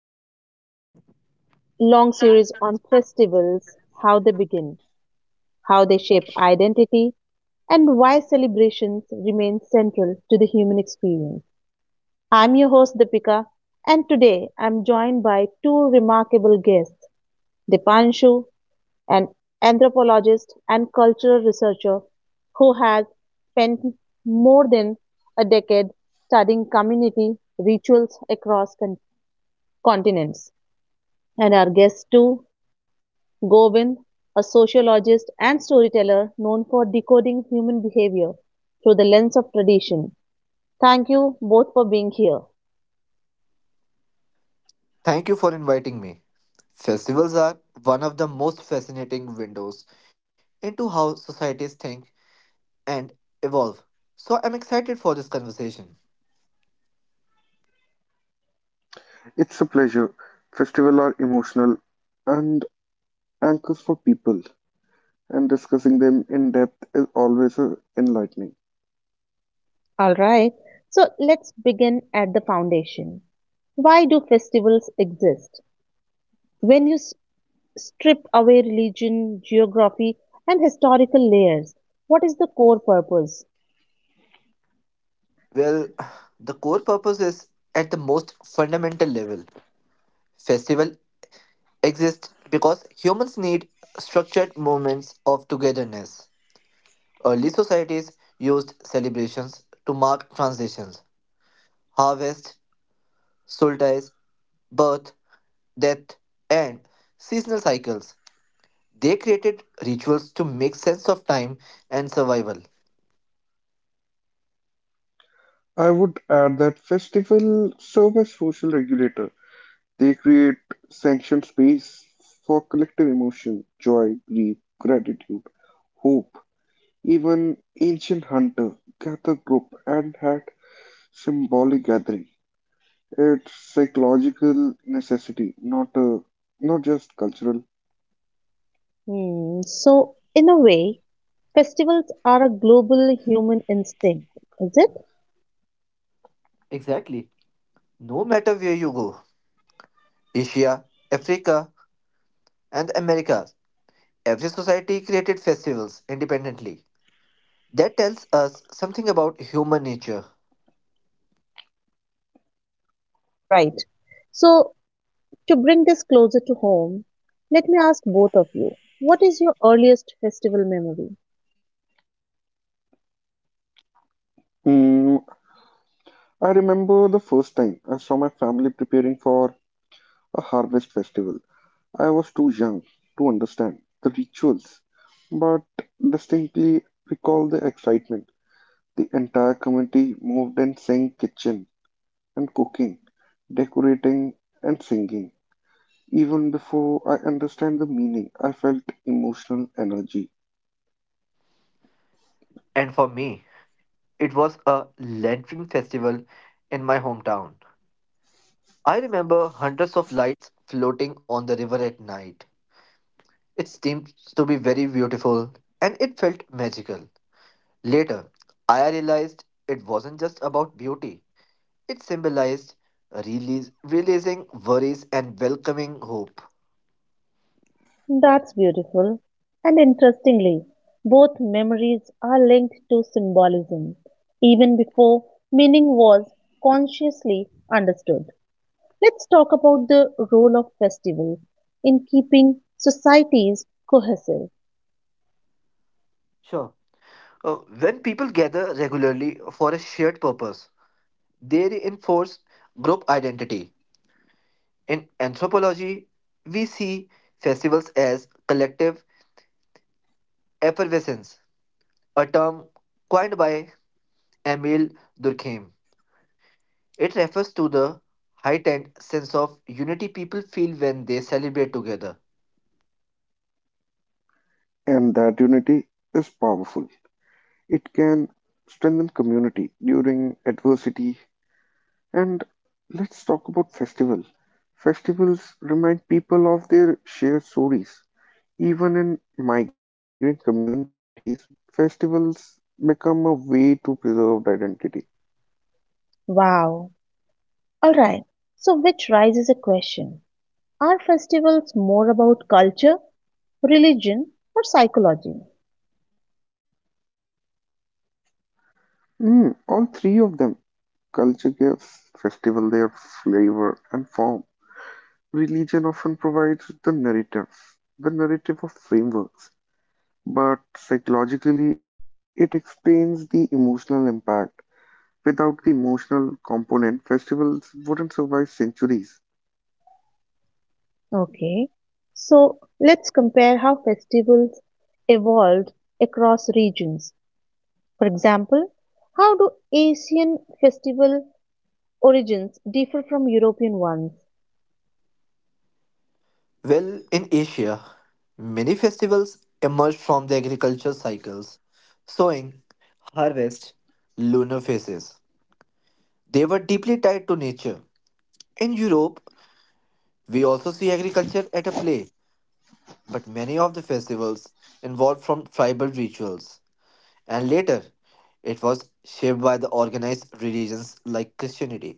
to our long series on festivals, how they begin, how they shape identity, and why celebrations remain central to the human experience. I'm your host Deepika, and today I'm joined by two remarkable guests, Dipanshu, an anthropologist and cultural researcher who has spent more than a decade studying community rituals across continents. And our guest two, Gobind, a sociologist and storyteller known for decoding human behavior through the lens of tradition. Thank you both for being here. Thank you for inviting me. Festivals are one of the most fascinating windows into how societies think and evolve. So I'm excited for this conversation. It's a pleasure festival are emotional and anchors for people, and discussing them in depth is always enlightening. All right, so let's begin at the foundation. Why do festivals exist? When you strip away religion, geography, and historical layers, what is the core purpose? Well, the core purpose is at the most fundamental level. Festival exists because humans need structured moments of togetherness. Early societies used celebrations to mark transitions, harvest, solstice, birth, death, and seasonal cycles. They created rituals to make sense of time and survival. I would add that festivals serve as social regulator. They create sanctioned space for collective emotion, grief, gratitude, hope. Even ancient hunter gather group and had symbolic gathering. It's psychological necessity, not just cultural. So, in a way, festivals are a global human instinct, is it? Exactly. No matter where you go, Asia, Africa, and America, every society created festivals independently. That tells us something about human nature. Hmm, right. So, to bring this closer to home, let me ask both of you, what is your earliest festival memory? Mm, I remember the first time I saw my family preparing for a harvest festival. I was too young to understand the rituals, but distinctly recall the excitement. The entire community moved and sang kitchen and cooking, decorating and singing. Even before I understand the meaning, I felt emotional energy. And for me, it was a lantern festival in my hometown. I remember hundreds of lights floating on the river at night. It seemed to be very beautiful and it felt magical. Later, I realized it wasn't just about beauty, it symbolized release, releasing worries and welcoming hope. That's beautiful. And interestingly, both memories are linked to symbolism, even before meaning was consciously understood. Let's talk about the role of festivals in keeping societies cohesive. Sure. When people gather regularly for a shared purpose, they reinforce group identity. In anthropology, we see festivals as collective effervescence, a term coined by Emil Durkheim. It refers to the heightened sense of unity people feel when they celebrate together. And that unity is powerful. It can strengthen community during adversity. Let's talk about festivals. Festivals remind people of their shared stories. Even in migrant communities, festivals become a way to preserve identity. Wow. All right. So which raises a question: are festivals more about culture, religion, or psychology? All three of them culture gives festival their flavor and form. Religion often provides the narrative of frameworks, but psychologically it explains the emotional impact. Without the emotional component, festivals wouldn't survive centuries. Okay. So let's compare how festivals evolved across regions. For example, how do Asian festival origins differ from European ones? Well, in Asia, many festivals emerged from the agriculture cycles, sowing, harvest, lunar phases. They were deeply tied to nature. In Europe, we also see agriculture at a play, but many of the festivals involved from tribal rituals. And later, it was shaped by the organized religions like Christianity.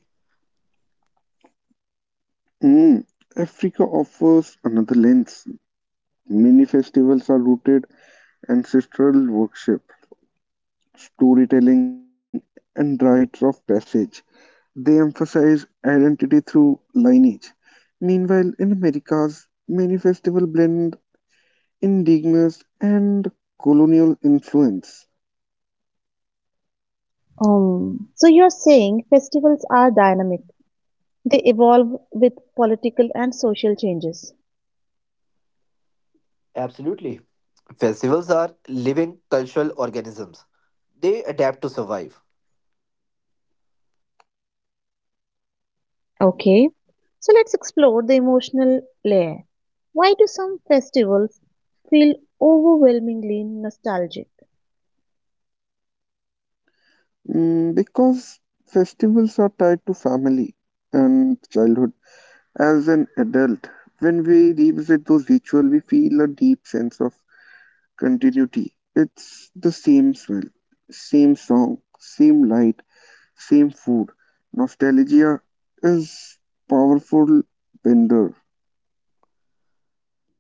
Mm, Africa offers another lens. Many festivals are rooted in ancestral worship, storytelling, and rites of passage. They emphasize identity through lineage. Meanwhile, in Americas, many festivals blend indigenous and colonial influence. So you're saying festivals are dynamic, they evolve with political and social changes. Absolutely. Festivals are living cultural organisms. They adapt to survive. Okay, so let's explore the emotional layer. Why do some festivals feel overwhelmingly nostalgic? Because festivals are tied to family and childhood as an adult, when we those rituals, we feel a deep sense of continuity. It's the same smell, same song, same light, same food. Nostalgia is powerful bender.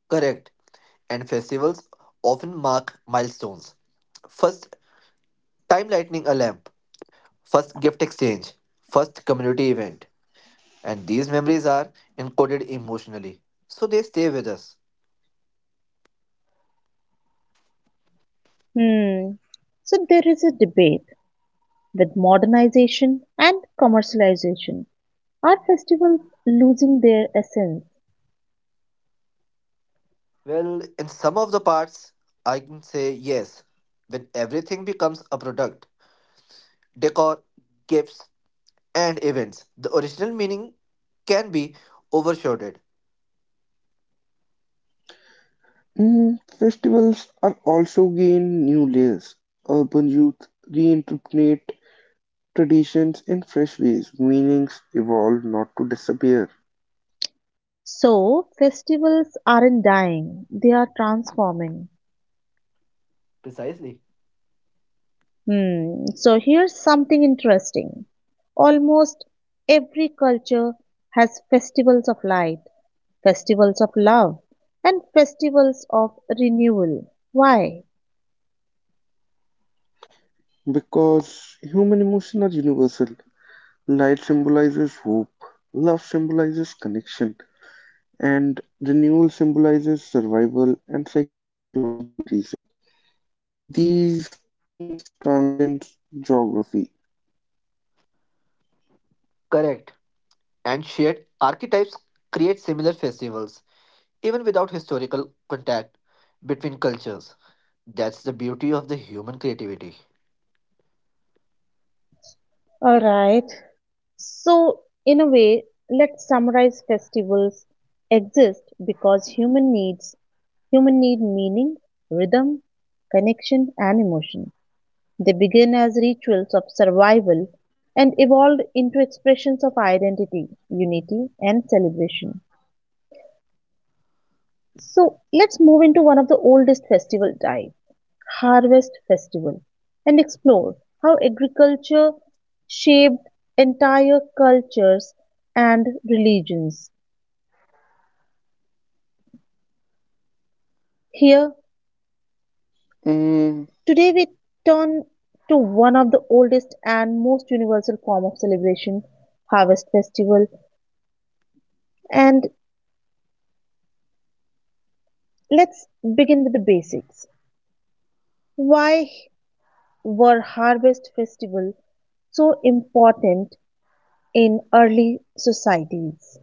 Correct. And festivals often mark milestones. First, time lighting a lamp, first, gift exchange, first, community event. And these memories are encoded emotionally, so they stay with us. Hmm. So there is a debate with modernization and commercialization. Are festivals losing their essence? Well, in some of the parts, I can say yes. When everything becomes a product, decor, gifts, and events, the original meaning can be overshadowed. Festivals are also gain new layers. Urban youth reinterpret traditions in fresh ways. Meanings evolve, not to disappear. So festivals aren't dying, they are transforming. Precisely. Hmm. So here's something interesting. Almost every culture has festivals of light, festivals of love, and festivals of renewal. Why? Because human emotions are universal. Light symbolizes hope, love symbolizes connection, and renewal symbolizes survival and psychological reset. These themes transcend geography. Correct. And shared archetypes create similar festivals even without historical contact between cultures. That's the beauty of the human creativity. All right. So, in a way, let's summarize: festivals exist because human need meaning, rhythm, connection, and emotion. They begin as rituals of survival and evolved into expressions of identity, unity, and celebration. So let's move into one of the oldest festival types, harvest festival, and explore how agriculture shaped entire cultures and religions. Here, Mm, today we turn to one of the oldest and most universal form of celebration, harvest festival, and let's begin with the basics. Why were harvest festival so important in early societies?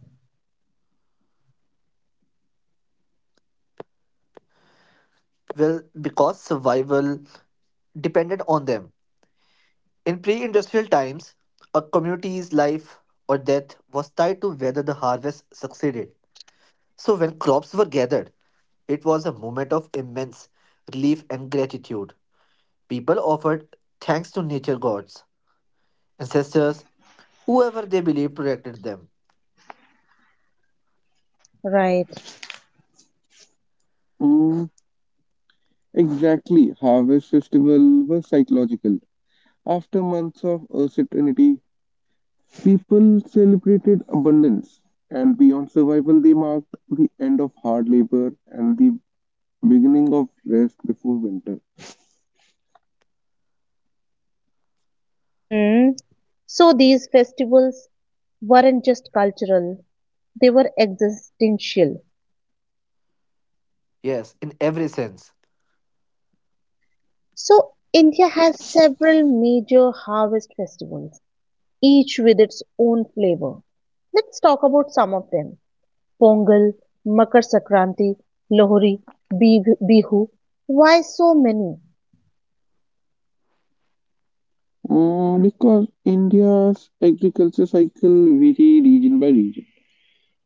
Well, because survival depended on them. In pre industrial times, a community's life or death was tied to whether the harvest succeeded. So, when crops were gathered, it was a moment of immense relief and gratitude. People offered thanks to nature gods, ancestors, whoever they believed protected them. Right. mm, exactly. Harvest Festival was psychological. After months of uncertainty, people celebrated abundance, and beyond survival, they marked the end of hard labor and the beginning of rest before winter. Hmm. So these festivals weren't just cultural, they were existential. Yes, in every sense. So India has several major harvest festivals, each with its own flavor. Let's talk about some of them. Pongal, Makar Sankranti, Lohri, Bihu. Why so many? Mm, because India's agriculture cycle vary region by region.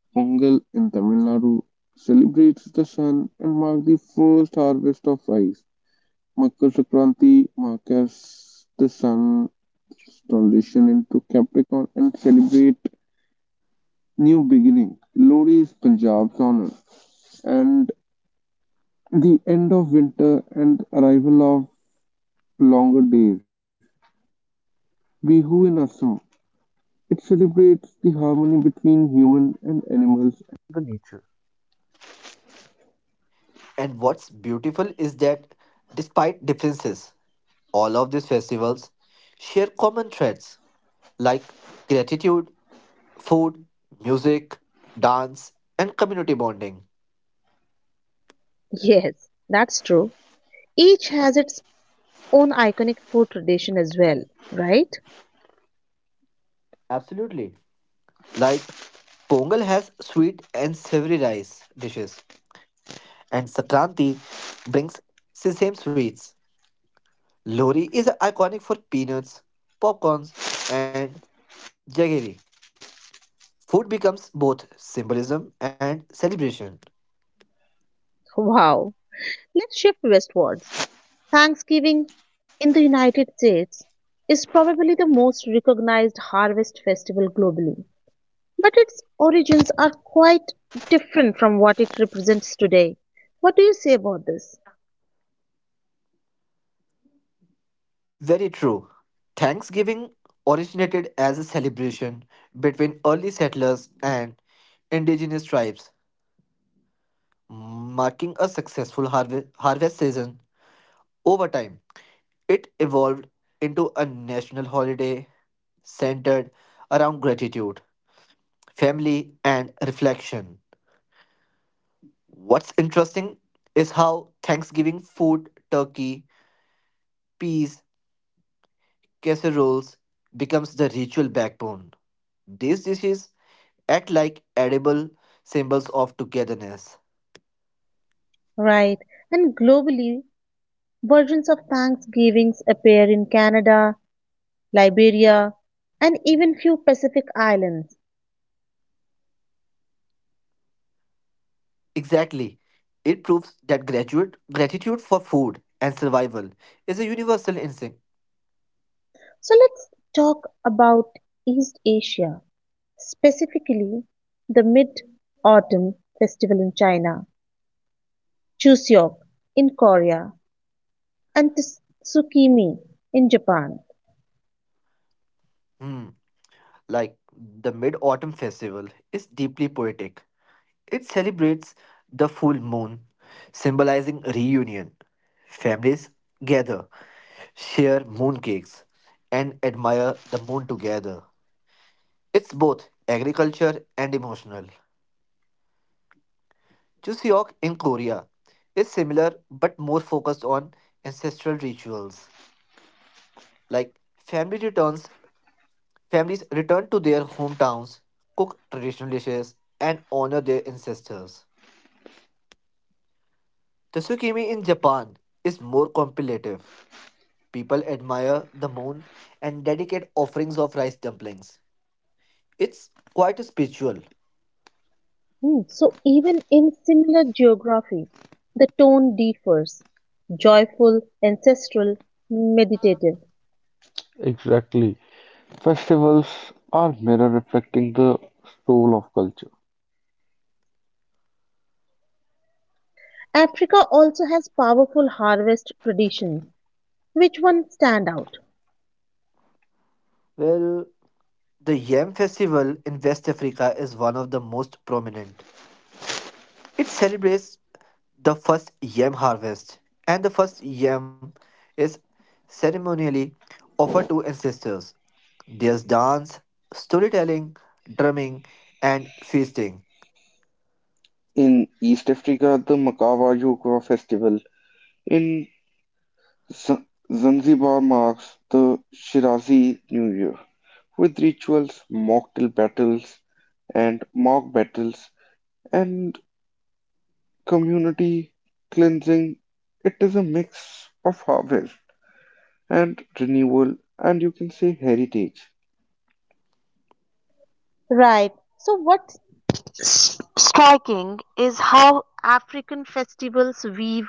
Pongal in Tamil Nadu celebrates the sun and marks the first harvest of rice. Makar Sankranti marks the sun's transition into Capricorn and celebrate new beginning. Lohri is Punjab's honor and the end of winter and arrival of longer days. Bihu in Assam. It celebrates the harmony between human and animals. And what's beautiful is that despite differences, all of these festivals share common threads like gratitude, food, music, dance, and community bonding. Yes, that's true. Each has its own iconic food tradition as well, right? Absolutely. Like Pongal has sweet and savory rice dishes, and Sakranti brings sesame sweets. Lori is iconic for peanuts, popcorns, and jaggery. Food becomes both symbolism and celebration. Wow. Let's shift westwards. Thanksgiving in the United States is probably the most recognized harvest festival globally, but its origins are quite different from what it represents today. What do you say about this? Very true. Thanksgiving originated as a celebration between early settlers and indigenous tribes, marking a successful harvest season. Over time, it evolved into a national holiday centered around gratitude, family, and reflection. What's interesting is how Thanksgiving food, turkey, peas, casseroles becomes the ritual backbone. These dishes act like edible symbols of togetherness. Right, and globally, versions of Thanksgivings appear in Canada, Liberia, and even few Pacific islands. Exactly. It proves that gratitude for food and survival is a universal instinct. So let's talk about East Asia, specifically the Mid Autumn Festival in China, Chuseok in Korea, and Tsukimi in Japan. Hmm. Like the Mid Autumn Festival is deeply poetic. It celebrates the full moon, symbolizing reunion. Families gather, share moon cakes, and admire the moon together. It's both agriculture and emotional. Chuseok in Korea is similar but more focused on ancestral rituals like family returns families return to their hometowns, cook traditional dishes, and honor their ancestors. The Tsukimi in Japan is more contemplative. People admire the moon and dedicate offerings of rice dumplings. It's quite spiritual. So, even in similar geography, the tone differs: joyful, ancestral, meditative. Exactly. Festivals are mirror reflecting the soul of culture. Africa also has powerful harvest traditions. Which one stand out? Well, the Yam festival in West Africa is one of the most prominent. It celebrates the first yam harvest, and the first yam is ceremonially offered to ancestors. There's dance, storytelling, drumming, and feasting. In East Africa, the Makawa Yukwa Festival. In Z- Zanzibar marks the Shirazi New Year with rituals, mocktail battles, and mock battles, and community cleansing. It is a mix of harvest and renewal, and you can say heritage. Right. So what's striking is how African festivals weave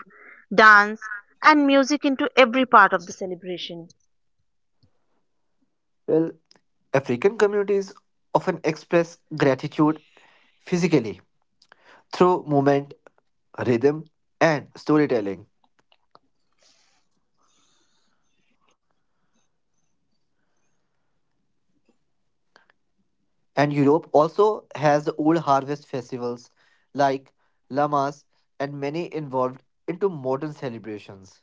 dance and music into every part of the celebration. Well, African communities often express gratitude physically through movement, rhythm, and storytelling. And Europe also has the old harvest festivals like Lamas and many involved into modern celebrations.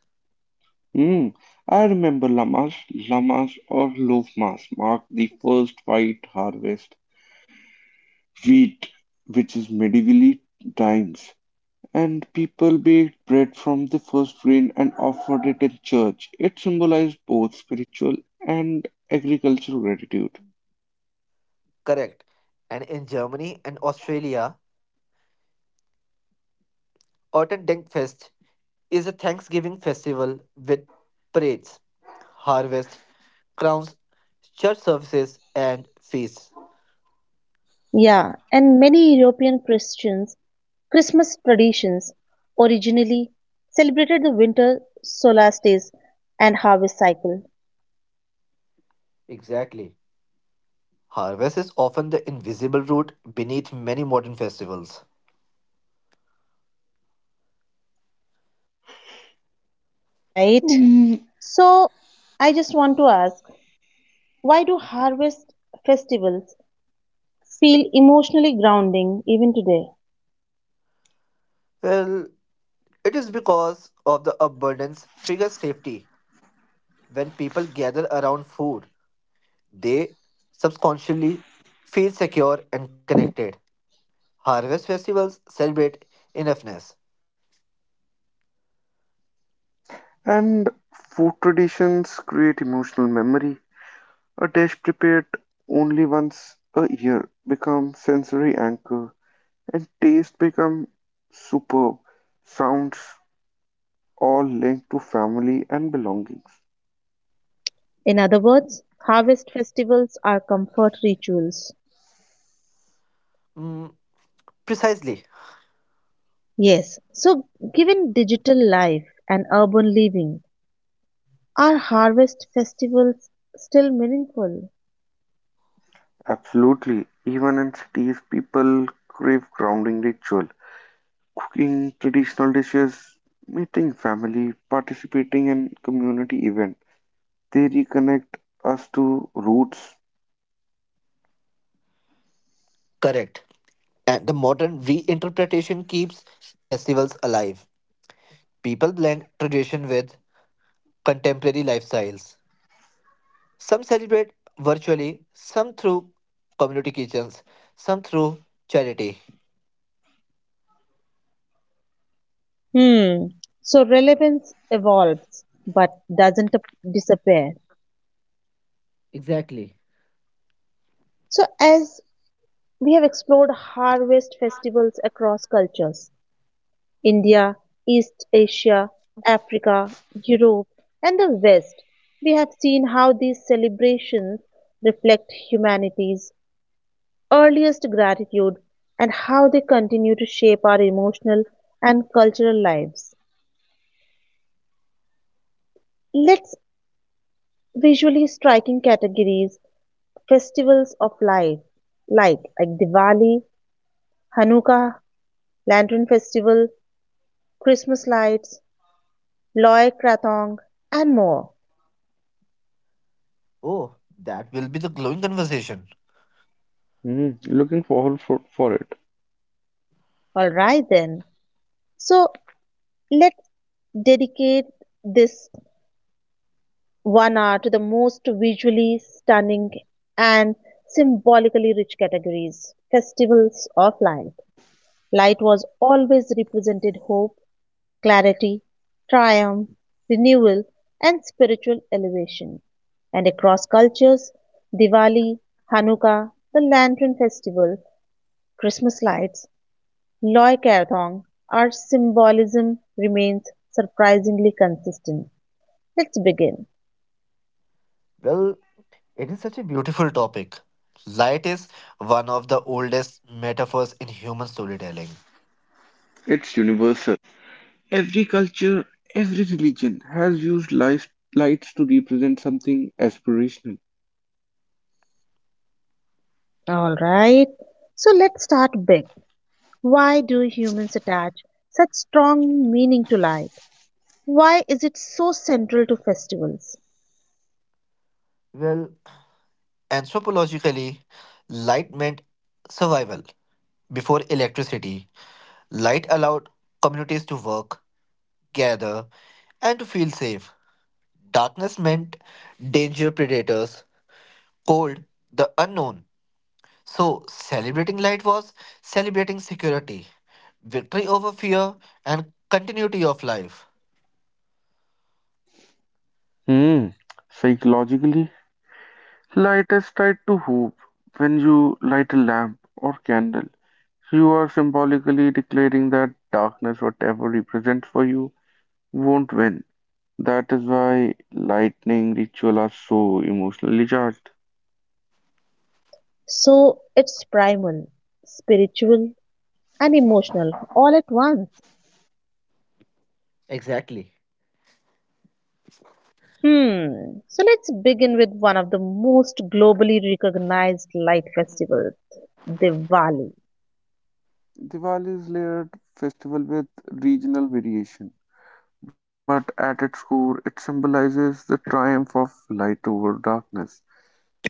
Mm, I remember Lamas, Lamas or Lofmas mark the first white harvest wheat, which is medievally times, and people baked bread from the first grain and offered it in church. It symbolized both spiritual and agricultural gratitude. Correct. And in Germany and Australia, Autumn Denkfest is a Thanksgiving festival with parades, harvest, crowns, church services, and feasts. Yeah, and many European Christians Christmas traditions originally celebrated the winter solstice and harvest cycle. Exactly. Harvest is often the invisible root beneath many modern festivals. Right. Mm, So I just want to ask, why do harvest festivals feel emotionally grounding even today? Well, it is because of the abundance triggers safety. When people gather around food, they subconsciously feel secure and connected. Harvest festivals celebrate enoughness. and food traditions create emotional memory. A dish prepared only once a year becomes sensory anchor. And taste become superb, sounds all linked to family and belongings. In other words, harvest festivals are comfort rituals. Mm, precisely. Yes. So given digital life and urban living, are harvest festivals still meaningful? Absolutely. Even in cities, people crave grounding ritual, cooking traditional dishes, meeting family, participating in community event. They reconnect us to roots. Correct. And the modern reinterpretation keeps festivals alive. People blend tradition with contemporary lifestyles. Some celebrate virtually, some through community kitchens, some through charity. Hmm. So relevance evolves but doesn't disappear. So, as we have explored harvest festivals across cultures, India, East Asia, Africa, Europe, and the West, we have seen how these celebrations reflect humanity's earliest gratitude and how they continue to shape our emotional and cultural lives. Let's visually striking categories festivals of life light like Diwali, Hanukkah, Lantern Festival, Christmas lights, Loy Krathong, and more. Oh, that will be the glowing conversation. Looking forward for it. All right then. So let's dedicate this 1 hour to the most visually stunning and symbolically rich categories festivals of light. Light was always represented hope, clarity, triumph, renewal, and spiritual elevation. And across cultures, Diwali, Hanukkah, the Lantern Festival, Christmas lights, Loy Kathong, our symbolism remains surprisingly consistent. Let's begin. Well, it is such a beautiful topic. Light is one of the oldest metaphors in human storytelling. It's universal. Every culture, every religion has used lights, lights to represent something aspirational. All right. So let's start big. Why do humans attach such strong meaning to light? Why is it so central to festivals? Well, anthropologically, light meant survival before electricity. Light allowed communities to work, gather, and to feel safe. Darkness meant danger, predators, cold, the unknown. So, celebrating light was celebrating security, victory over fear, and continuity of life. Hmm. Psychologically, light is tied to hope. When you light a lamp or candle, you are symbolically declaring that darkness, whatever represents for you, won't win. That is why lightning ritual are so emotionally charged. So it's primal, spiritual, and emotional all at once. Exactly. Hmm. So let's begin with one of the most globally recognized light festivals, Diwali. Diwali is layered festival with regional variation, but at its core, it symbolizes the triumph of light over darkness.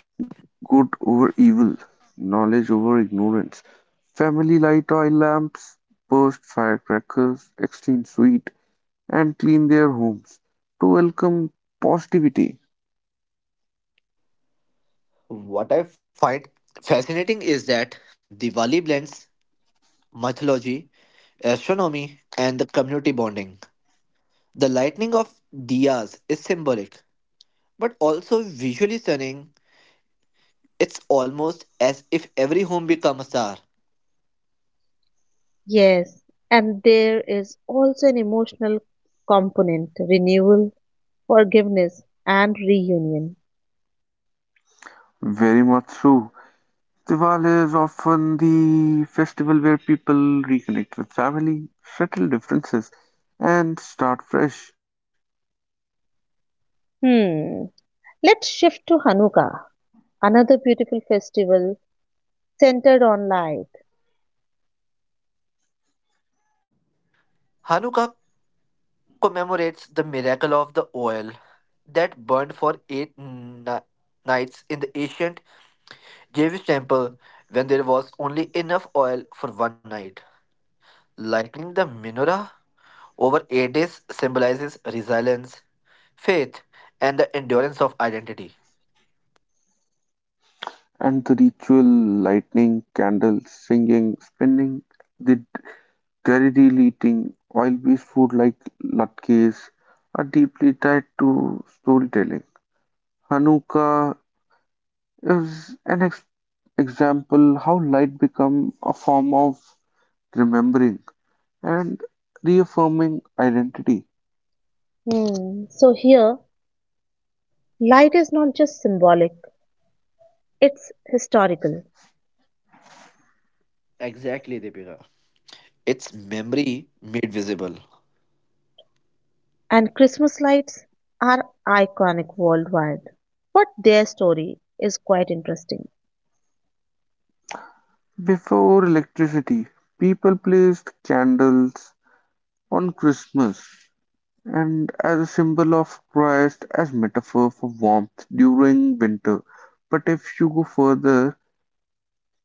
Good over evil, knowledge over ignorance. Family light oil lamps, burst firecrackers, exchange sweet, and clean their homes to welcome positivity. What I find fascinating is that Diwali blends mythology, astronomy, and the community bonding. The lighting of diyas is symbolic, but also visually stunning. It's almost as if every home becomes a star. Yes, and there is also an emotional component, renewal, forgiveness, and reunion. Very much so. Diwali is often the festival where people reconnect with family, settle differences, and start fresh. Hmm. Let's shift to Hanukkah, another beautiful festival centered on light. Hanukkah commemorates the miracle of the oil that burned for eight nights in the ancient Jewish temple when there was only enough oil for one night. Lighting the menorah over 8 days symbolizes resilience, faith, and the endurance of identity. And the ritual, lighting candles, singing, spinning the Garidi eating, oil-based food like latkes, are deeply tied to storytelling. Hanukkah is an example how light become a form of remembering and reaffirming identity. Hmm. So here, light is not just symbolic, it's historical, Exactly, Deepika. It's memory made visible. and Christmas lights are iconic worldwide. But their story is quite interesting. Before electricity, people placed candles on Christmas and as a symbol of Christ as metaphor for warmth during winter. But if you go further,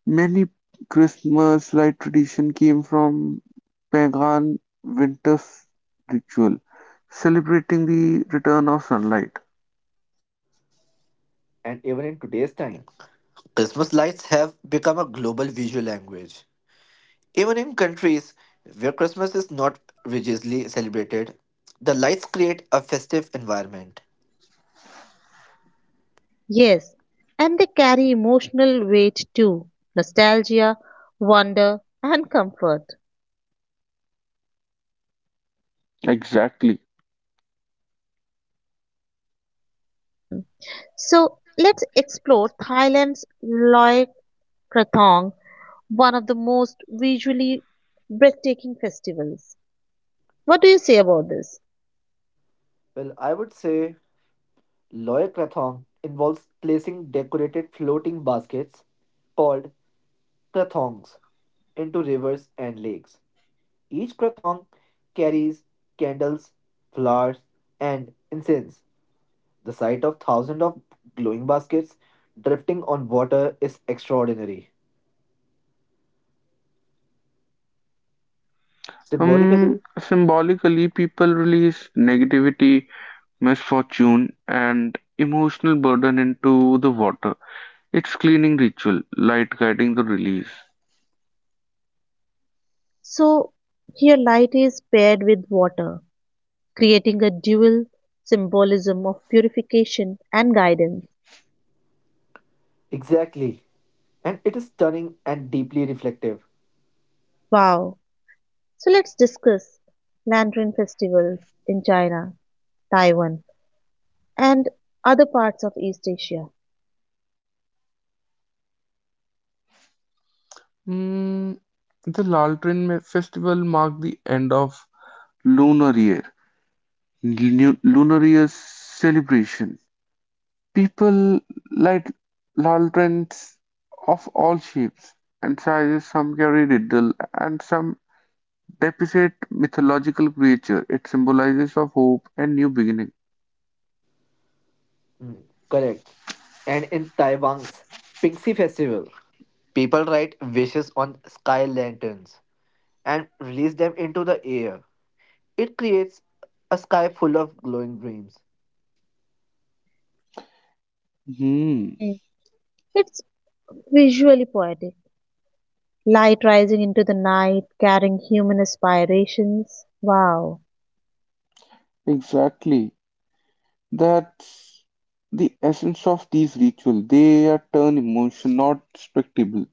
many Christmas light tradition came from pagan winter ritual, celebrating the return of sunlight. And even in today's time. Christmas lights have become a global visual language. Even in countries where Christmas is not religiously celebrated, the lights create a festive environment. Yes, and they carry emotional weight too, nostalgia, wonder, and comfort. Exactly. So let's explore Thailand's Loy Krathong, one of the most visually breathtaking festivals. What do you say about this? Well, I would say Loy Krathong involves placing decorated floating baskets called krathongs into rivers and lakes. Each krathong carries candles, flowers, and incense. The sight of thousands of glowing baskets drifting on water is extraordinary. Symbolically, Symbolically, people release negativity, misfortune, and emotional burden into the water. It's cleaning ritual, light guiding the release. So here light is paired with water, creating a dual symbolism of purification and guidance. exactly. And it is stunning and deeply reflective. Wow. So let's discuss Lantern festivals in China, Taiwan, and other parts of East Asia. Mm, the Laltrin festival marked the end of lunar year, lunar year celebration. People like Lollards of all shapes and sizes, some carry riddle, and some depict mythological creature. It symbolizes of hope and new beginning. Mm, correct. And in Taiwan's Pinxi Festival, people write wishes on sky lanterns and release them into the air. It creates a sky full of glowing dreams. Hmm, Hmm. It's visually poetic. Light rising into the night, carrying human aspirations. Wow. exactly. That's the essence of these rituals. They are turn emotion, not spectacle.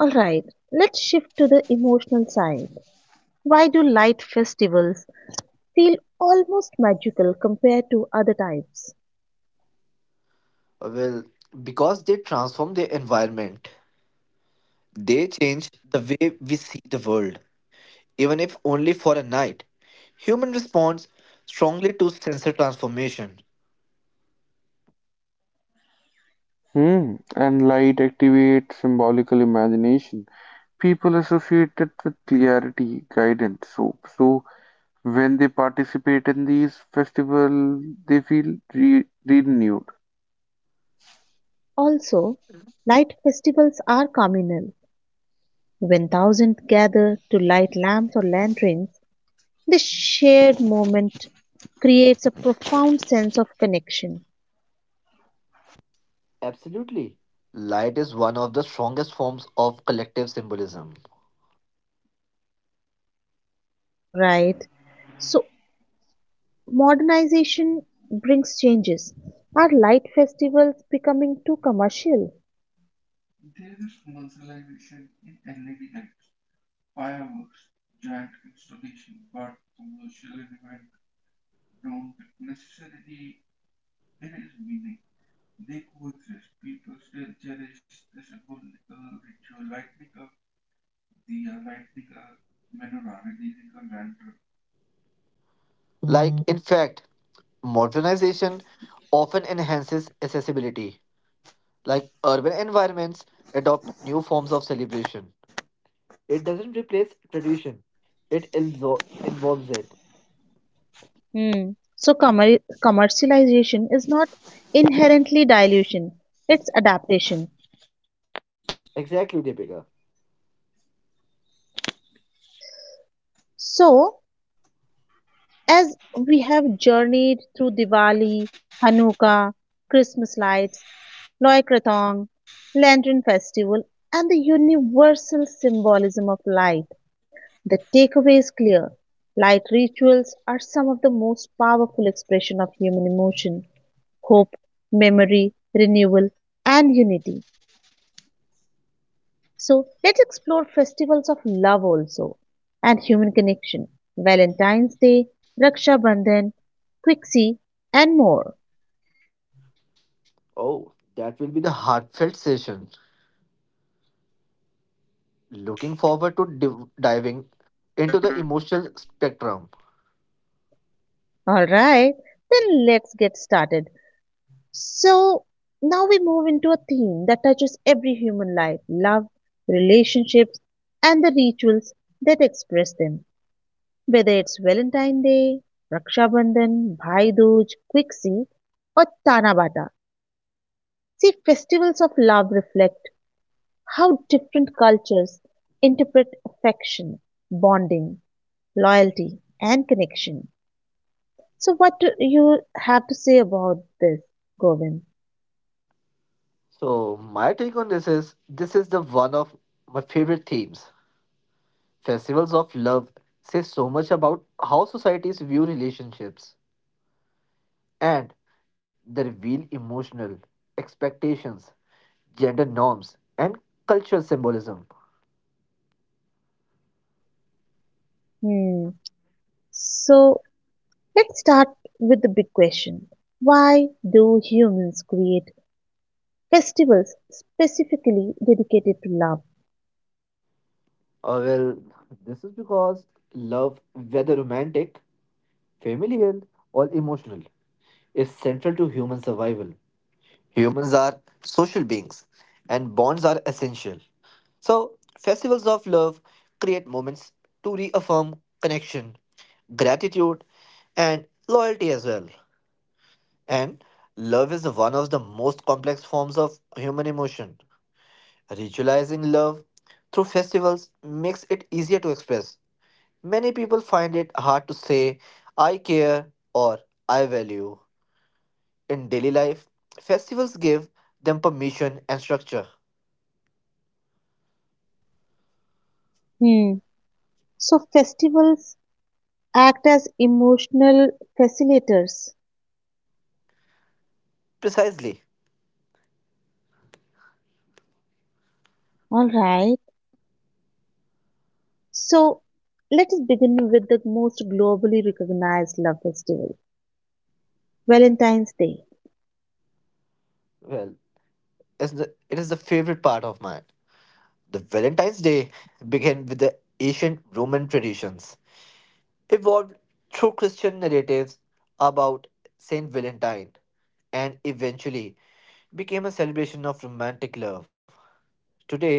All right, let's shift to the emotional side. Why do light festivals feel almost magical compared to other types? Well, because they transform their environment, they change the way we see the world, even if only for a night. Human responds strongly to sensor transformation. Hmm. And light activates symbolical imagination. People associate it with clarity, guidance, hope. So when they participate in these festivals, they feel renewed. Also, light festivals are communal. When thousands gather to light lamps or lanterns, the shared moment creates a profound sense of connection, Absolutely. Light is one of the strongest forms of collective symbolism. right? So modernization brings changes. Are light festivals becoming too commercial? There is commercialization in LED lights, fireworks, giant installation, but commercial event don't necessarily erase meaning. They coexist. People still cherish the symbolical ritual lightning up, the lightning up. Like, in fact, modernization often enhances accessibility. Like, urban environments adopt new forms of celebration. It doesn't replace tradition, it involves it. Hmm. So commercialization is not inherently dilution, it's adaptation. Exactly, Deepika. So, as we have journeyed through Diwali, Hanukkah, Christmas lights, Loy Krathong, Lantern Festival, and the universal symbolism of light, the takeaway is clear. Light rituals are some of the most powerful expression of human emotion, hope, memory, renewal, and unity. So let's explore festivals of love also and human connection. Valentine's Day, Raksha Bandhan, Quixi, and more. Oh, that will be the heartfelt session. Looking forward to Looking dive forward to into. diving into the emotional spectrum. Alright, then let's get started. So now we move into a theme that touches every human life, love, relationships, and the rituals that express them. Whether it's Valentine's Day, Raksha Bandhan, Bhai Dooj, Quixi, or Tanabata. See, festivals of love reflect how different cultures interpret affection, bonding, loyalty, and connection. So, what do you have to say about this, Govind? So my take on this is the one of my favorite themes. Festivals of love say so much about how societies view relationships and they reveal emotional expectations, gender norms, and cultural symbolism. Hmm. So let's start with the big question: why do humans create festivals specifically dedicated to love? Well, this is because love, whether romantic, familial, or emotional, is central to human survival. Humans are social beings, and bonds are essential. So, festivals of love create moments to reaffirm connection, gratitude, and loyalty as well. And love is one of the most complex forms of human emotion. Ritualizing love through festivals makes it easier to express. Many people find it hard to say, I care or I value. In daily life, festivals give them permission and structure. Hmm. So festivals act as emotional facilitators. Precisely. All right. So let us begin with the most globally recognized love festival, Valentine's Day. Well, it is the favorite part of mine. The Valentine's Day began with the ancient Roman traditions, evolved through Christian narratives about Saint Valentine, and eventually became a celebration of romantic love. Today,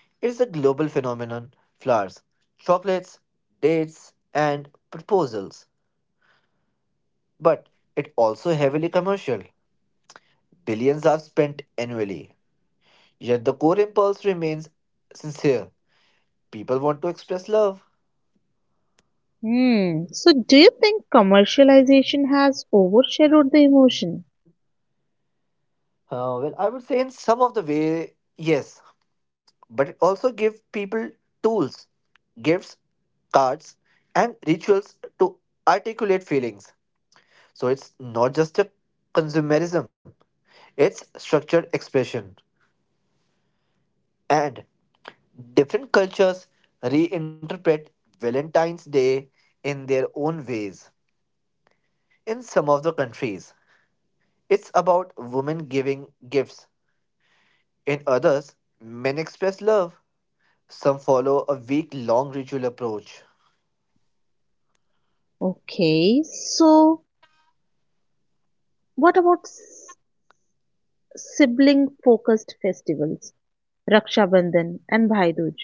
it is a global phenomenon flowers, chocolates, dates, and proposals. But it also heavily commercial. Billions are spent annually. Yet the core impulse remains sincere people want to express love. Hmm. So do you think commercialization has overshadowed the emotion? Well, I would say in some of the way, yes, but it also gives people tools, gifts, cards, and rituals to articulate feelings. So it's not just a consumerism, it's structured expression. And different cultures reinterpret Valentine's Day in their own ways. In some of the countries, it's about women giving gifts. In others, men express love. Some follow a week long ritual approach. Okay. So what about sibling focused festivals, Raksha Bandhan and Bhai Dooj?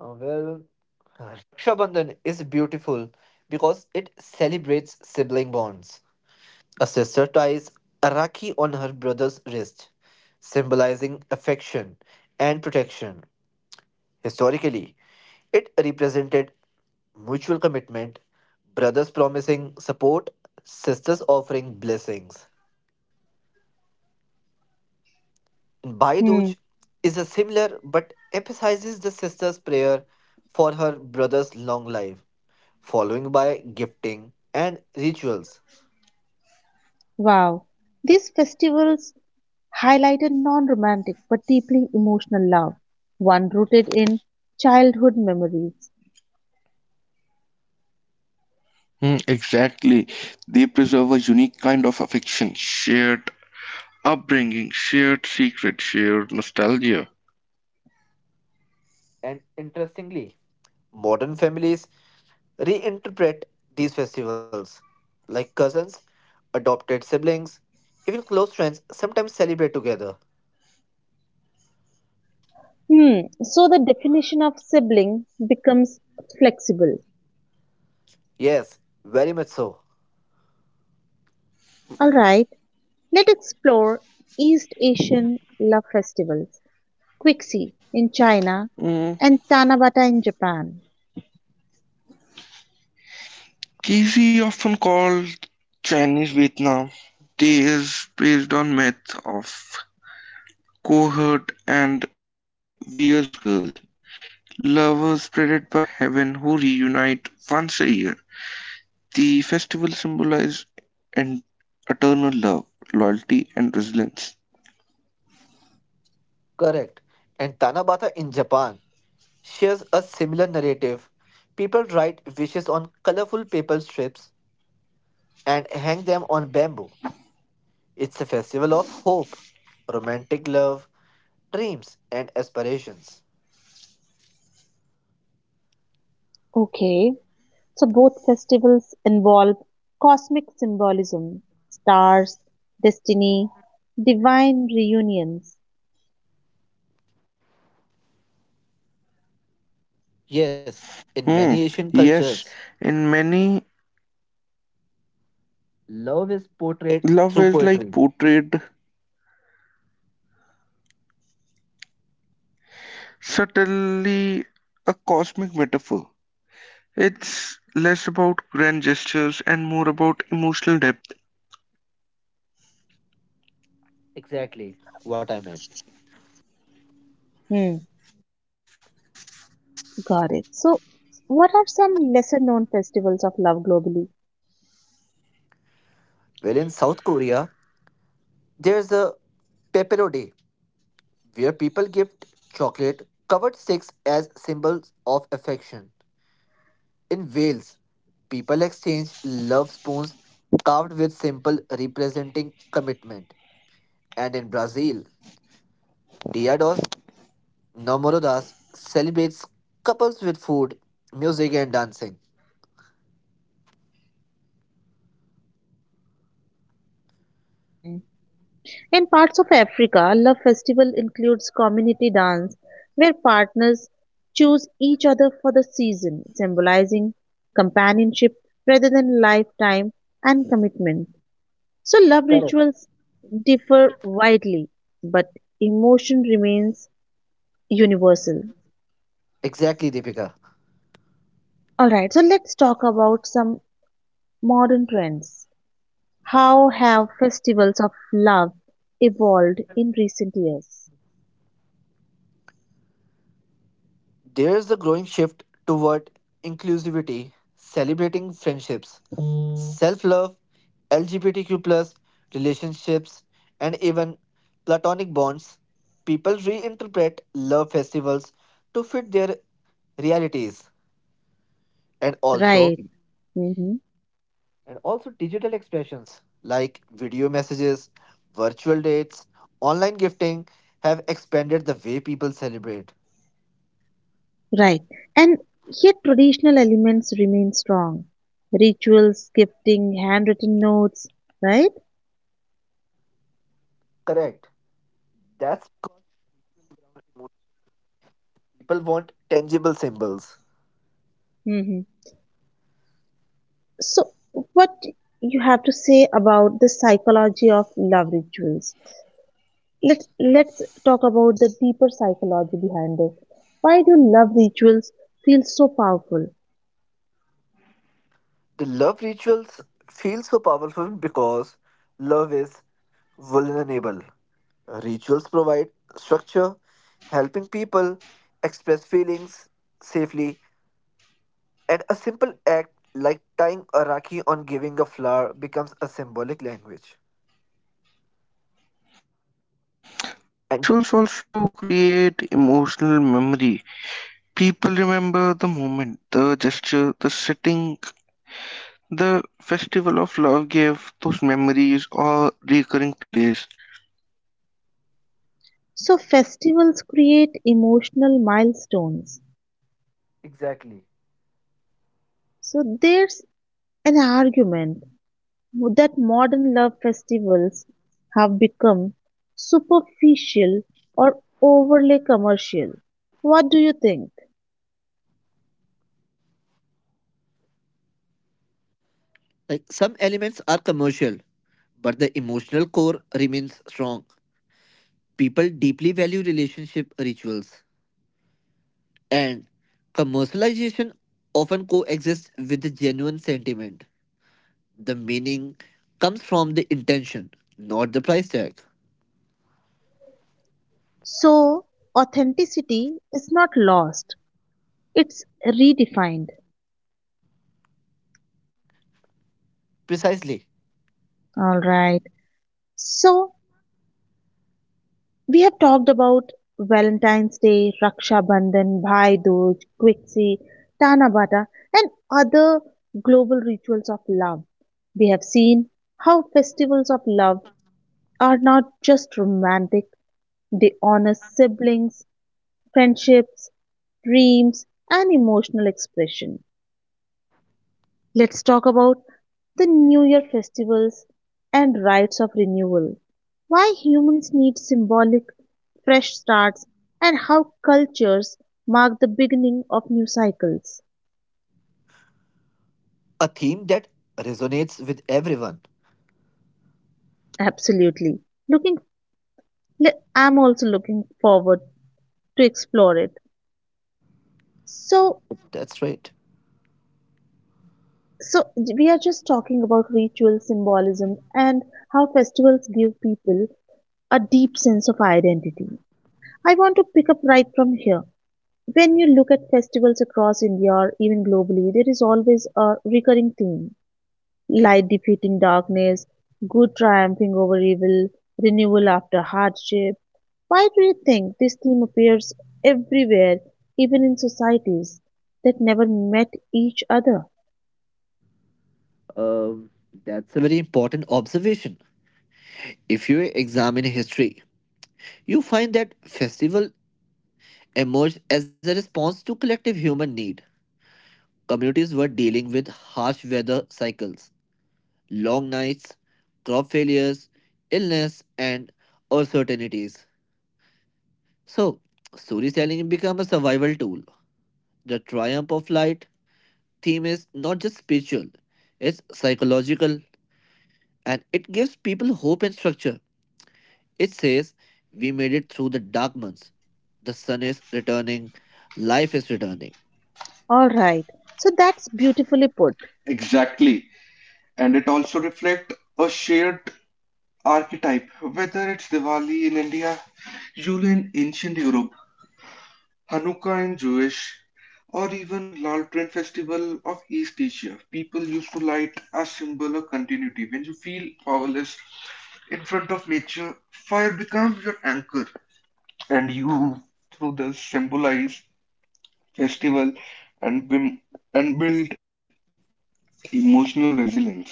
Well, Raksha Bandhan is beautiful because it celebrates sibling bonds. A sister ties a rakhi on her brother's wrist, symbolizing affection and protection. Historically, it represented mutual commitment, brothers promising support, sisters offering blessings. Hmm. Baiduj is a similar but emphasizes the sister's prayer for her brother's long life, following by gifting and rituals. Wow. These festivals highlight a non-romantic but deeply emotional love, one rooted in childhood memories. Exactly. They preserve a unique kind of affection, shared upbringing, shared secret, shared nostalgia. And interestingly, modern families reinterpret these festivals, like cousins, adopted siblings, even close friends sometimes celebrate together. Hmm. So the definition of sibling becomes flexible. Yes, very much so. All right. Let's explore East Asian love festivals. Quixi in China and Mm. Tanabata in Japan. Casey often called Chinese Vietnam. They is based on myth of cohort and Weir's girl, lovers spreaded by the heaven who reunite once a year. The festival symbolizes an eternal love, loyalty, and resilience. Correct. And Tanabata in Japan shares a similar narrative. People write wishes on colorful paper strips and hang them on bamboo. It's a festival of hope, romantic love, dreams, and aspirations. Okay. So both festivals involve cosmic symbolism, stars, destiny, divine reunions. Yes, in many Hmm. Asian cultures, Yes, in many love is portrayed through Love is poetry. like portrayed subtly a cosmic metaphor. It's less about grand gestures and more about emotional depth. Exactly what I meant. Hmm. Got it. So what are some lesser known festivals of love globally? Well, in South Korea, there's a Pepero Day, where people gift chocolate covered sticks as symbols of affection. In Wales, people exchange love spoons carved with simple representing commitment. And in Brazil, Diados Namorodas celebrates couples with food, music, and dancing. Hmm. In parts of Africa, love festival includes community dance where partners choose each other for the season, symbolizing companionship rather than lifetime and commitment. So love Correct. rituals differ widely, but emotion remains universal. Exactly, Deepika. All right, so let's talk about some modern trends. How have festivals of love evolved in recent years? There is a growing shift toward inclusivity, celebrating friendships, self love, LGBTQ relationships, and even platonic bonds. People reinterpret love festivals to fit their realities and also Right. Mhm. Digital expressions like video messages, virtual dates, online gifting have expanded the way people celebrate. Right. And yet traditional elements remain strong. Rituals, gifting, handwritten notes, right? Correct. That's because people want tangible symbols. Hmm. So what you have to say about the psychology of love rituals? Let's talk about the deeper psychology behind this. Why do love rituals feel so powerful? The love rituals feel so powerful because love is vulnerable. Rituals provide structure, helping people express feelings safely, and a simple act like tying a rakhi on giving a flower becomes a symbolic language. And. Rituals also create emotional memory. People remember the moment, the gesture, the setting. The festival of love gave those memories a recurring place. So festivals create emotional milestones. Exactly. So there's an argument that modern love festivals have become superficial or overly commercial. What do you think? Like some elements are commercial, but the emotional core remains strong. People deeply value relationship rituals, and commercialization often coexists with the genuine sentiment. The meaning comes from the intention, not the price tag. So authenticity is not lost, it's redefined. Precisely. All right. So we have talked about Valentine's Day, Raksha Bandhan, Bhai Dooj, Quixi, Tana Bata, and other global rituals of love. We have seen how festivals of love are not just romantic, they honor siblings, friendships, dreams, and emotional expression. Let's talk about the New Year festivals and rites of renewal. Why humans need symbolic fresh starts and how cultures mark the beginning of new cycles. A theme that resonates with everyone. Absolutely. Looking I'm also looking forward to explore it. So That's right. So we are just talking about ritual symbolism and how festivals give people a deep sense of identity. I want to pick up right from here. When you look at festivals across India or even globally, there is always a recurring theme. Light defeating darkness, good triumphing over evil, renewal after hardship. Why do you think this theme appears everywhere, even in societies that never met each other? Um, that's a very important observation. If you examine history, you find that festival emerged as a response to collective human need. Communities were dealing with harsh weather cycles, long nights, crop failures, illness, and uncertainties. So, storytelling selling became a survival tool. The triumph of light theme is not just spiritual, it's psychological, and it gives people hope and structure. It says, we made it through the dark months. The sun is returning, life is returning. All right. So that's beautifully put. Exactly. And it also reflects a shared archetype, whether it's Diwali in India, Yule in ancient Europe, Hanukkah and Jewish, or even Laltrain Festival of East Asia, people used to light a symbol of continuity. When you feel powerless in front of nature, fire becomes your anchor, and you, through the symbolize festival and, bim- and build emotional resilience.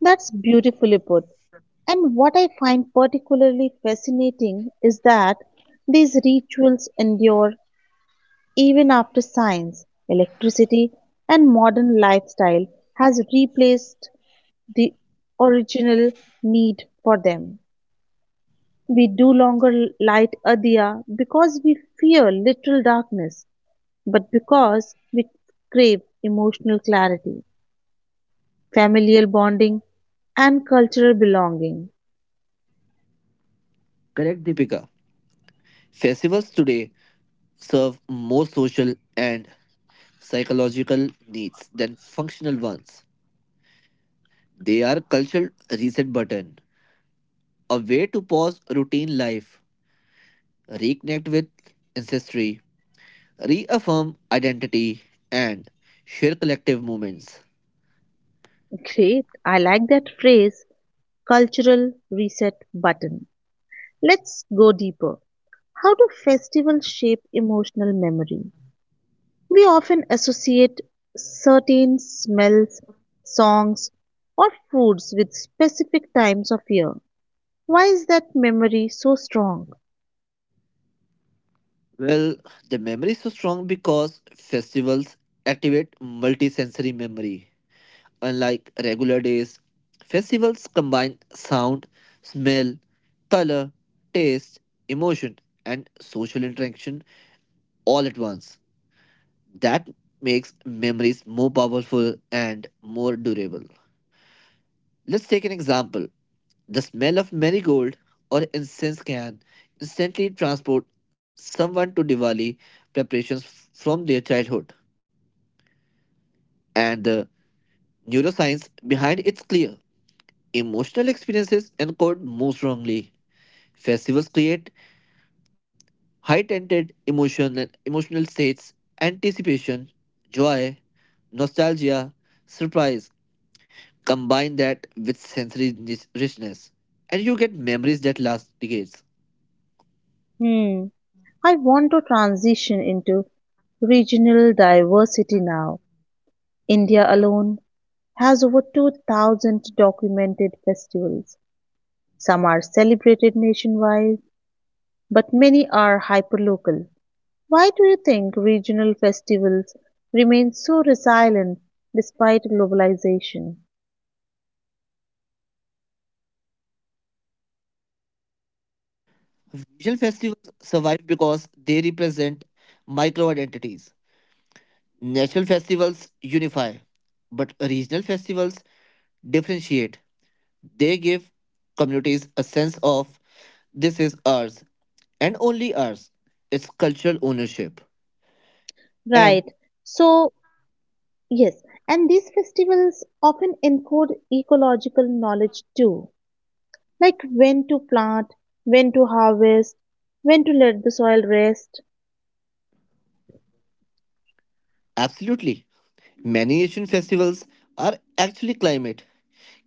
That's beautifully put. And what I find particularly fascinating is that these rituals endure even after science, electricity, and modern lifestyle has replaced the original need for them. We do longer light a diya because we fear literal darkness, but because we crave emotional clarity, familial bonding, and cultural belonging. Correct, Deepika. Festivals today serve more social and psychological needs than functional ones. They are cultural reset button, a way to pause routine life, reconnect with ancestry, reaffirm identity, and share collective moments. Great, I like that phrase, cultural reset button. Let's go deeper. How do festivals shape emotional memory? We often associate certain smells, songs, or foods with specific times of year. Why is that memory so strong? Well, the memory is so strong because festivals activate multisensory memory. Unlike regular days, festivals combine sound, smell, color, taste, emotion, and social interaction all at once. That makes memories more powerful and more durable. Let's take an example. The smell of marigold or incense can instantly transport someone to Diwali preparations from their childhood. And the neuroscience behind it's clear. Emotional experiences encode more strongly. Festivals create heightened emotional states, anticipation, joy, nostalgia, surprise. Combine that with sensory richness, and you get memories that last decades. Hmm, I want to transition into regional diversity now. India alone has over 2,000 documented festivals. Some are celebrated nationwide, but many are hyperlocal. Why do you think regional festivals remain so resilient despite globalization? Visual festivals survive because they represent micro identities. National festivals unify, but regional festivals differentiate. They give communities a sense of this is ours and only ours. It's cultural ownership. And Right. So, yes, and these festivals often encode ecological knowledge too, like when to plant, when to harvest, when to let the soil rest. absolutely, many Asian festivals are actually climate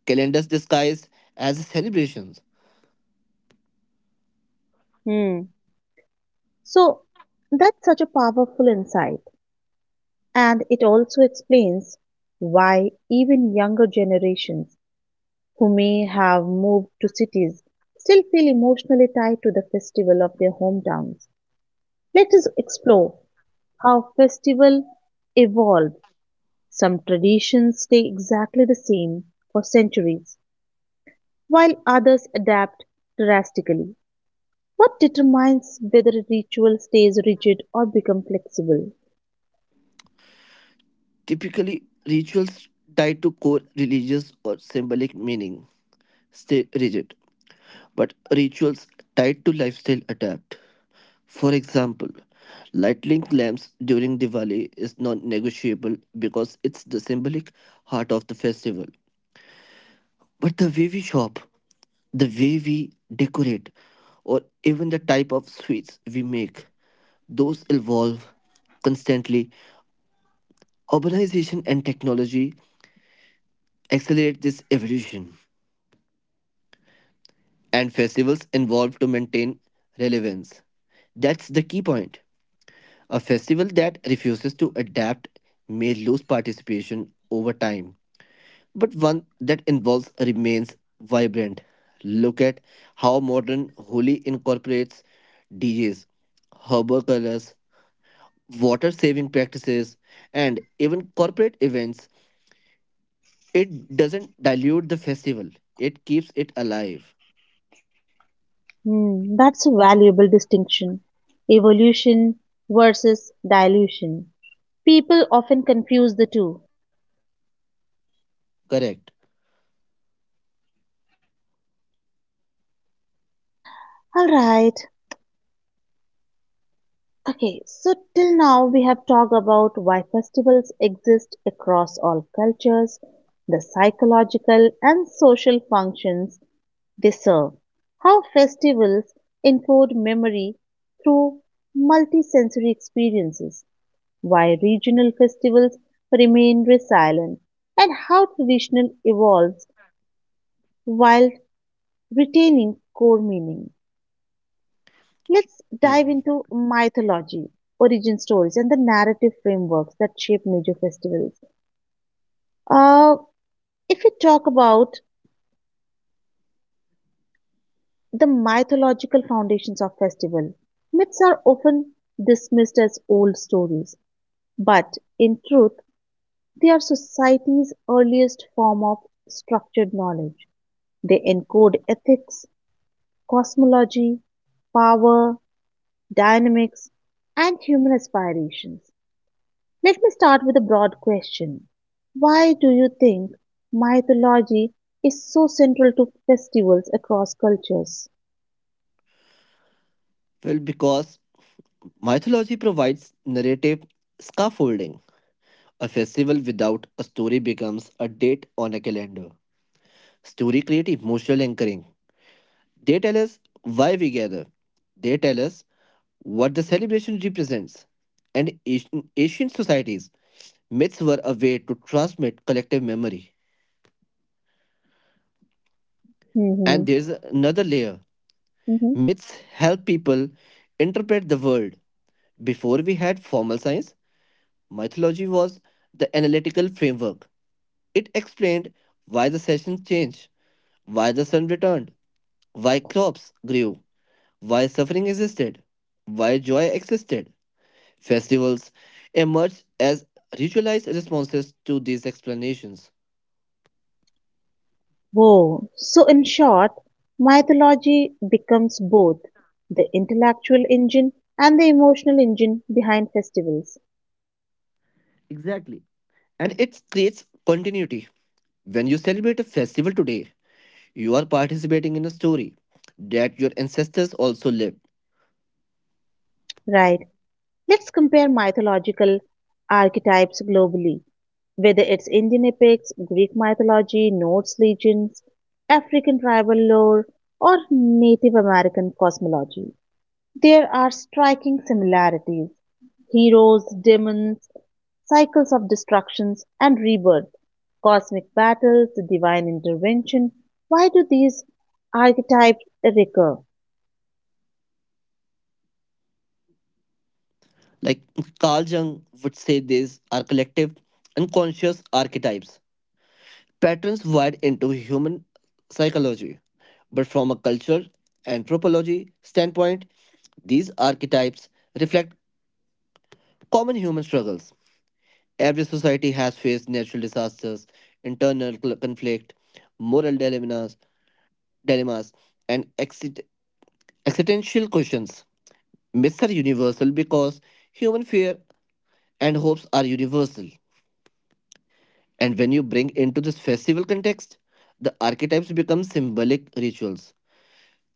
calendars disguised as celebrations, Hmm. So that's such a powerful insight. And it also explains why even younger generations who may have moved to cities still feel emotionally tied to the festival of their hometowns. Let us explore how festival evolve. Some traditions stay exactly the same for centuries, while others adapt drastically. What determines whether a ritual stays rigid or becomes flexible? typically rituals tied to core religious or symbolic meaning stay rigid, but rituals tied to lifestyle adapt. For example, lighting lamps during Diwali is non-negotiable because it's the symbolic heart of the festival. But the way we shop, the way we decorate, or even the type of sweets we make, those evolve constantly. Urbanization and technology accelerate this evolution, and festivals evolve to maintain relevance. That's the key point. A festival that refuses to adapt may lose participation over time, but one that involves remains vibrant. Look at how modern Holi incorporates DJs, herbal colors, water saving practices, and even corporate events. It doesn't dilute the festival, it keeps it alive. Hmm, that's a valuable distinction. Evolution versus dilution. People often confuse the two. Correct. Alright, okay, so till now we have talked about why festivals exist across all cultures, the psychological and social functions they serve, how festivals encode memory through multisensory experiences, why regional festivals remain resilient, and how traditional evolves while retaining core meaning. Let's Yeah. dive into mythology, origin stories, and the narrative frameworks that shape major festivals. Uh, if we talk about the mythological foundations of festival, myths are often dismissed as old stories, but in truth, they are society's earliest form of structured knowledge. They encode ethics, cosmology, power, dynamics, and human aspirations. Let me start with a broad question. Why do you think mythology is so central to festivals across cultures? Well, because mythology provides narrative scaffolding. A festival without a story becomes a date on a calendar. Story creates emotional anchoring. They tell us why we gather. They tell us what the celebration represents. And in ancient societies, myths were a way to transmit collective memory. And Mm-hmm. there's another layer. Mm-hmm. Myths help people interpret the world. Before we had formal science, mythology was the analytical framework. It explained why the seasons changed, why the sun returned, why crops grew, why suffering existed, why joy existed. Festivals emerge as ritualized responses to these explanations. Whoa. So in short, mythology becomes both the intellectual engine and the emotional engine behind festivals. Exactly. And it creates continuity. When you celebrate a festival today, you are participating in a story that your ancestors also lived. Right. Let's compare mythological archetypes globally, whether it's Indian epics, Greek mythology, Norse legends, African tribal lore, or Native American cosmology. There are striking similarities: heroes, demons, cycles of destructions and rebirth, cosmic battles, divine intervention. Why do these archetypes recur? Like Carl Jung would say, these are collective, unconscious archetypes, patterns wired into human psychology. But from a cultural anthropology standpoint, these archetypes reflect common human struggles. Every society has faced natural disasters, internal conflict, moral dilemmas and existential questions. Myths are universal because human fear and hopes are universal. And when you bring into this festival context, the archetypes become symbolic rituals.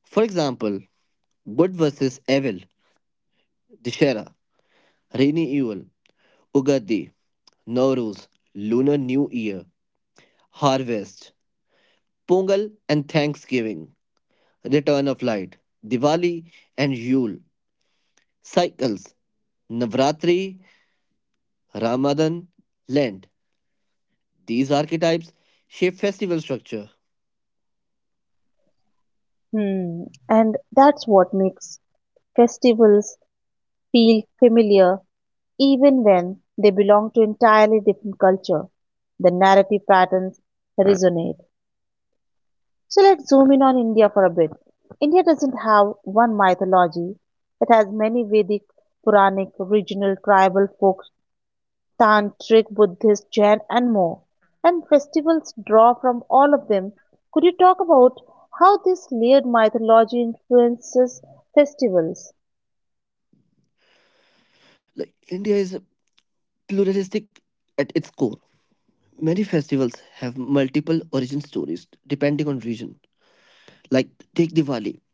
For example, good versus evil, Dishera, rainy evil, Ugadi, Nowruz, Lunar New Year, Harvest, Pongal, and Thanksgiving. Return of Light, Diwali and Yule, Cycles, Navratri, Ramadan, Lent. These archetypes shape festival structure. Hmm, and that's what makes festivals feel familiar even when they belong to entirely different culture. The narrative patterns resonate. So let's zoom in on India for a bit. India doesn't have one mythology. It has many: Vedic, Puranic, regional, tribal folk, tantric, Buddhist, Jain, and more. And festivals draw from all of them. Could you talk about how this layered mythology influences festivals? Like India is pluralistic at its core. Many festivals have multiple origin stories depending on region. Like take Diwali.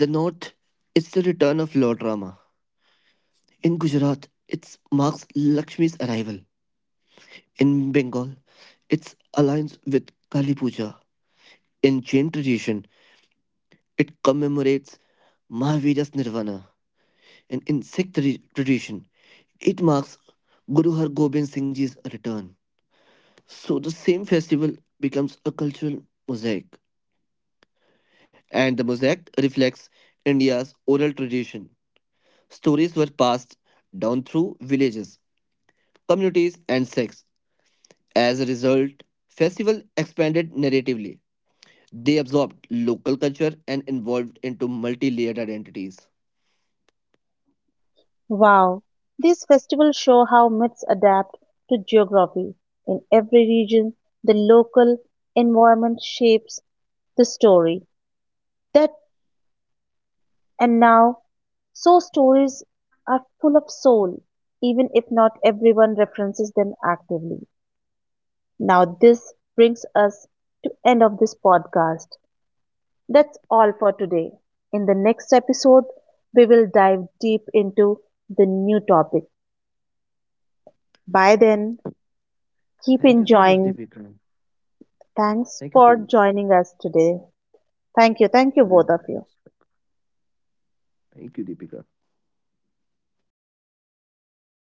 In the north, it's the return of Lord Rama. In Gujarat, it marks Lakshmi's arrival. In Bengal, it aligns with Kali Puja. In Jain tradition, it commemorates Mahavira's Nirvana, an insect tradition. It marks Guru Har Gobind Singh Ji's return. So the same festival becomes a cultural mosaic, and the mosaic reflects India's oral tradition. Stories were passed down through villages, communities, and sects. As a result, festival expanded narratively. They absorbed local culture and evolved into multi-layered identities. Wow, these festivals show how myths adapt to geography. In every region, the local environment shapes the story. That, and now, so stories are full of soul, even if not everyone references them actively. Now, this brings us to end of this podcast. That's all for today. In the next episode, we will dive deep into the new topic. By then, keep Thank you so much, enjoying. Deepika. Thanks Thank you for so much. joining us today. Thank you. Thank you, both Yeah. of you. Thank you, Deepika.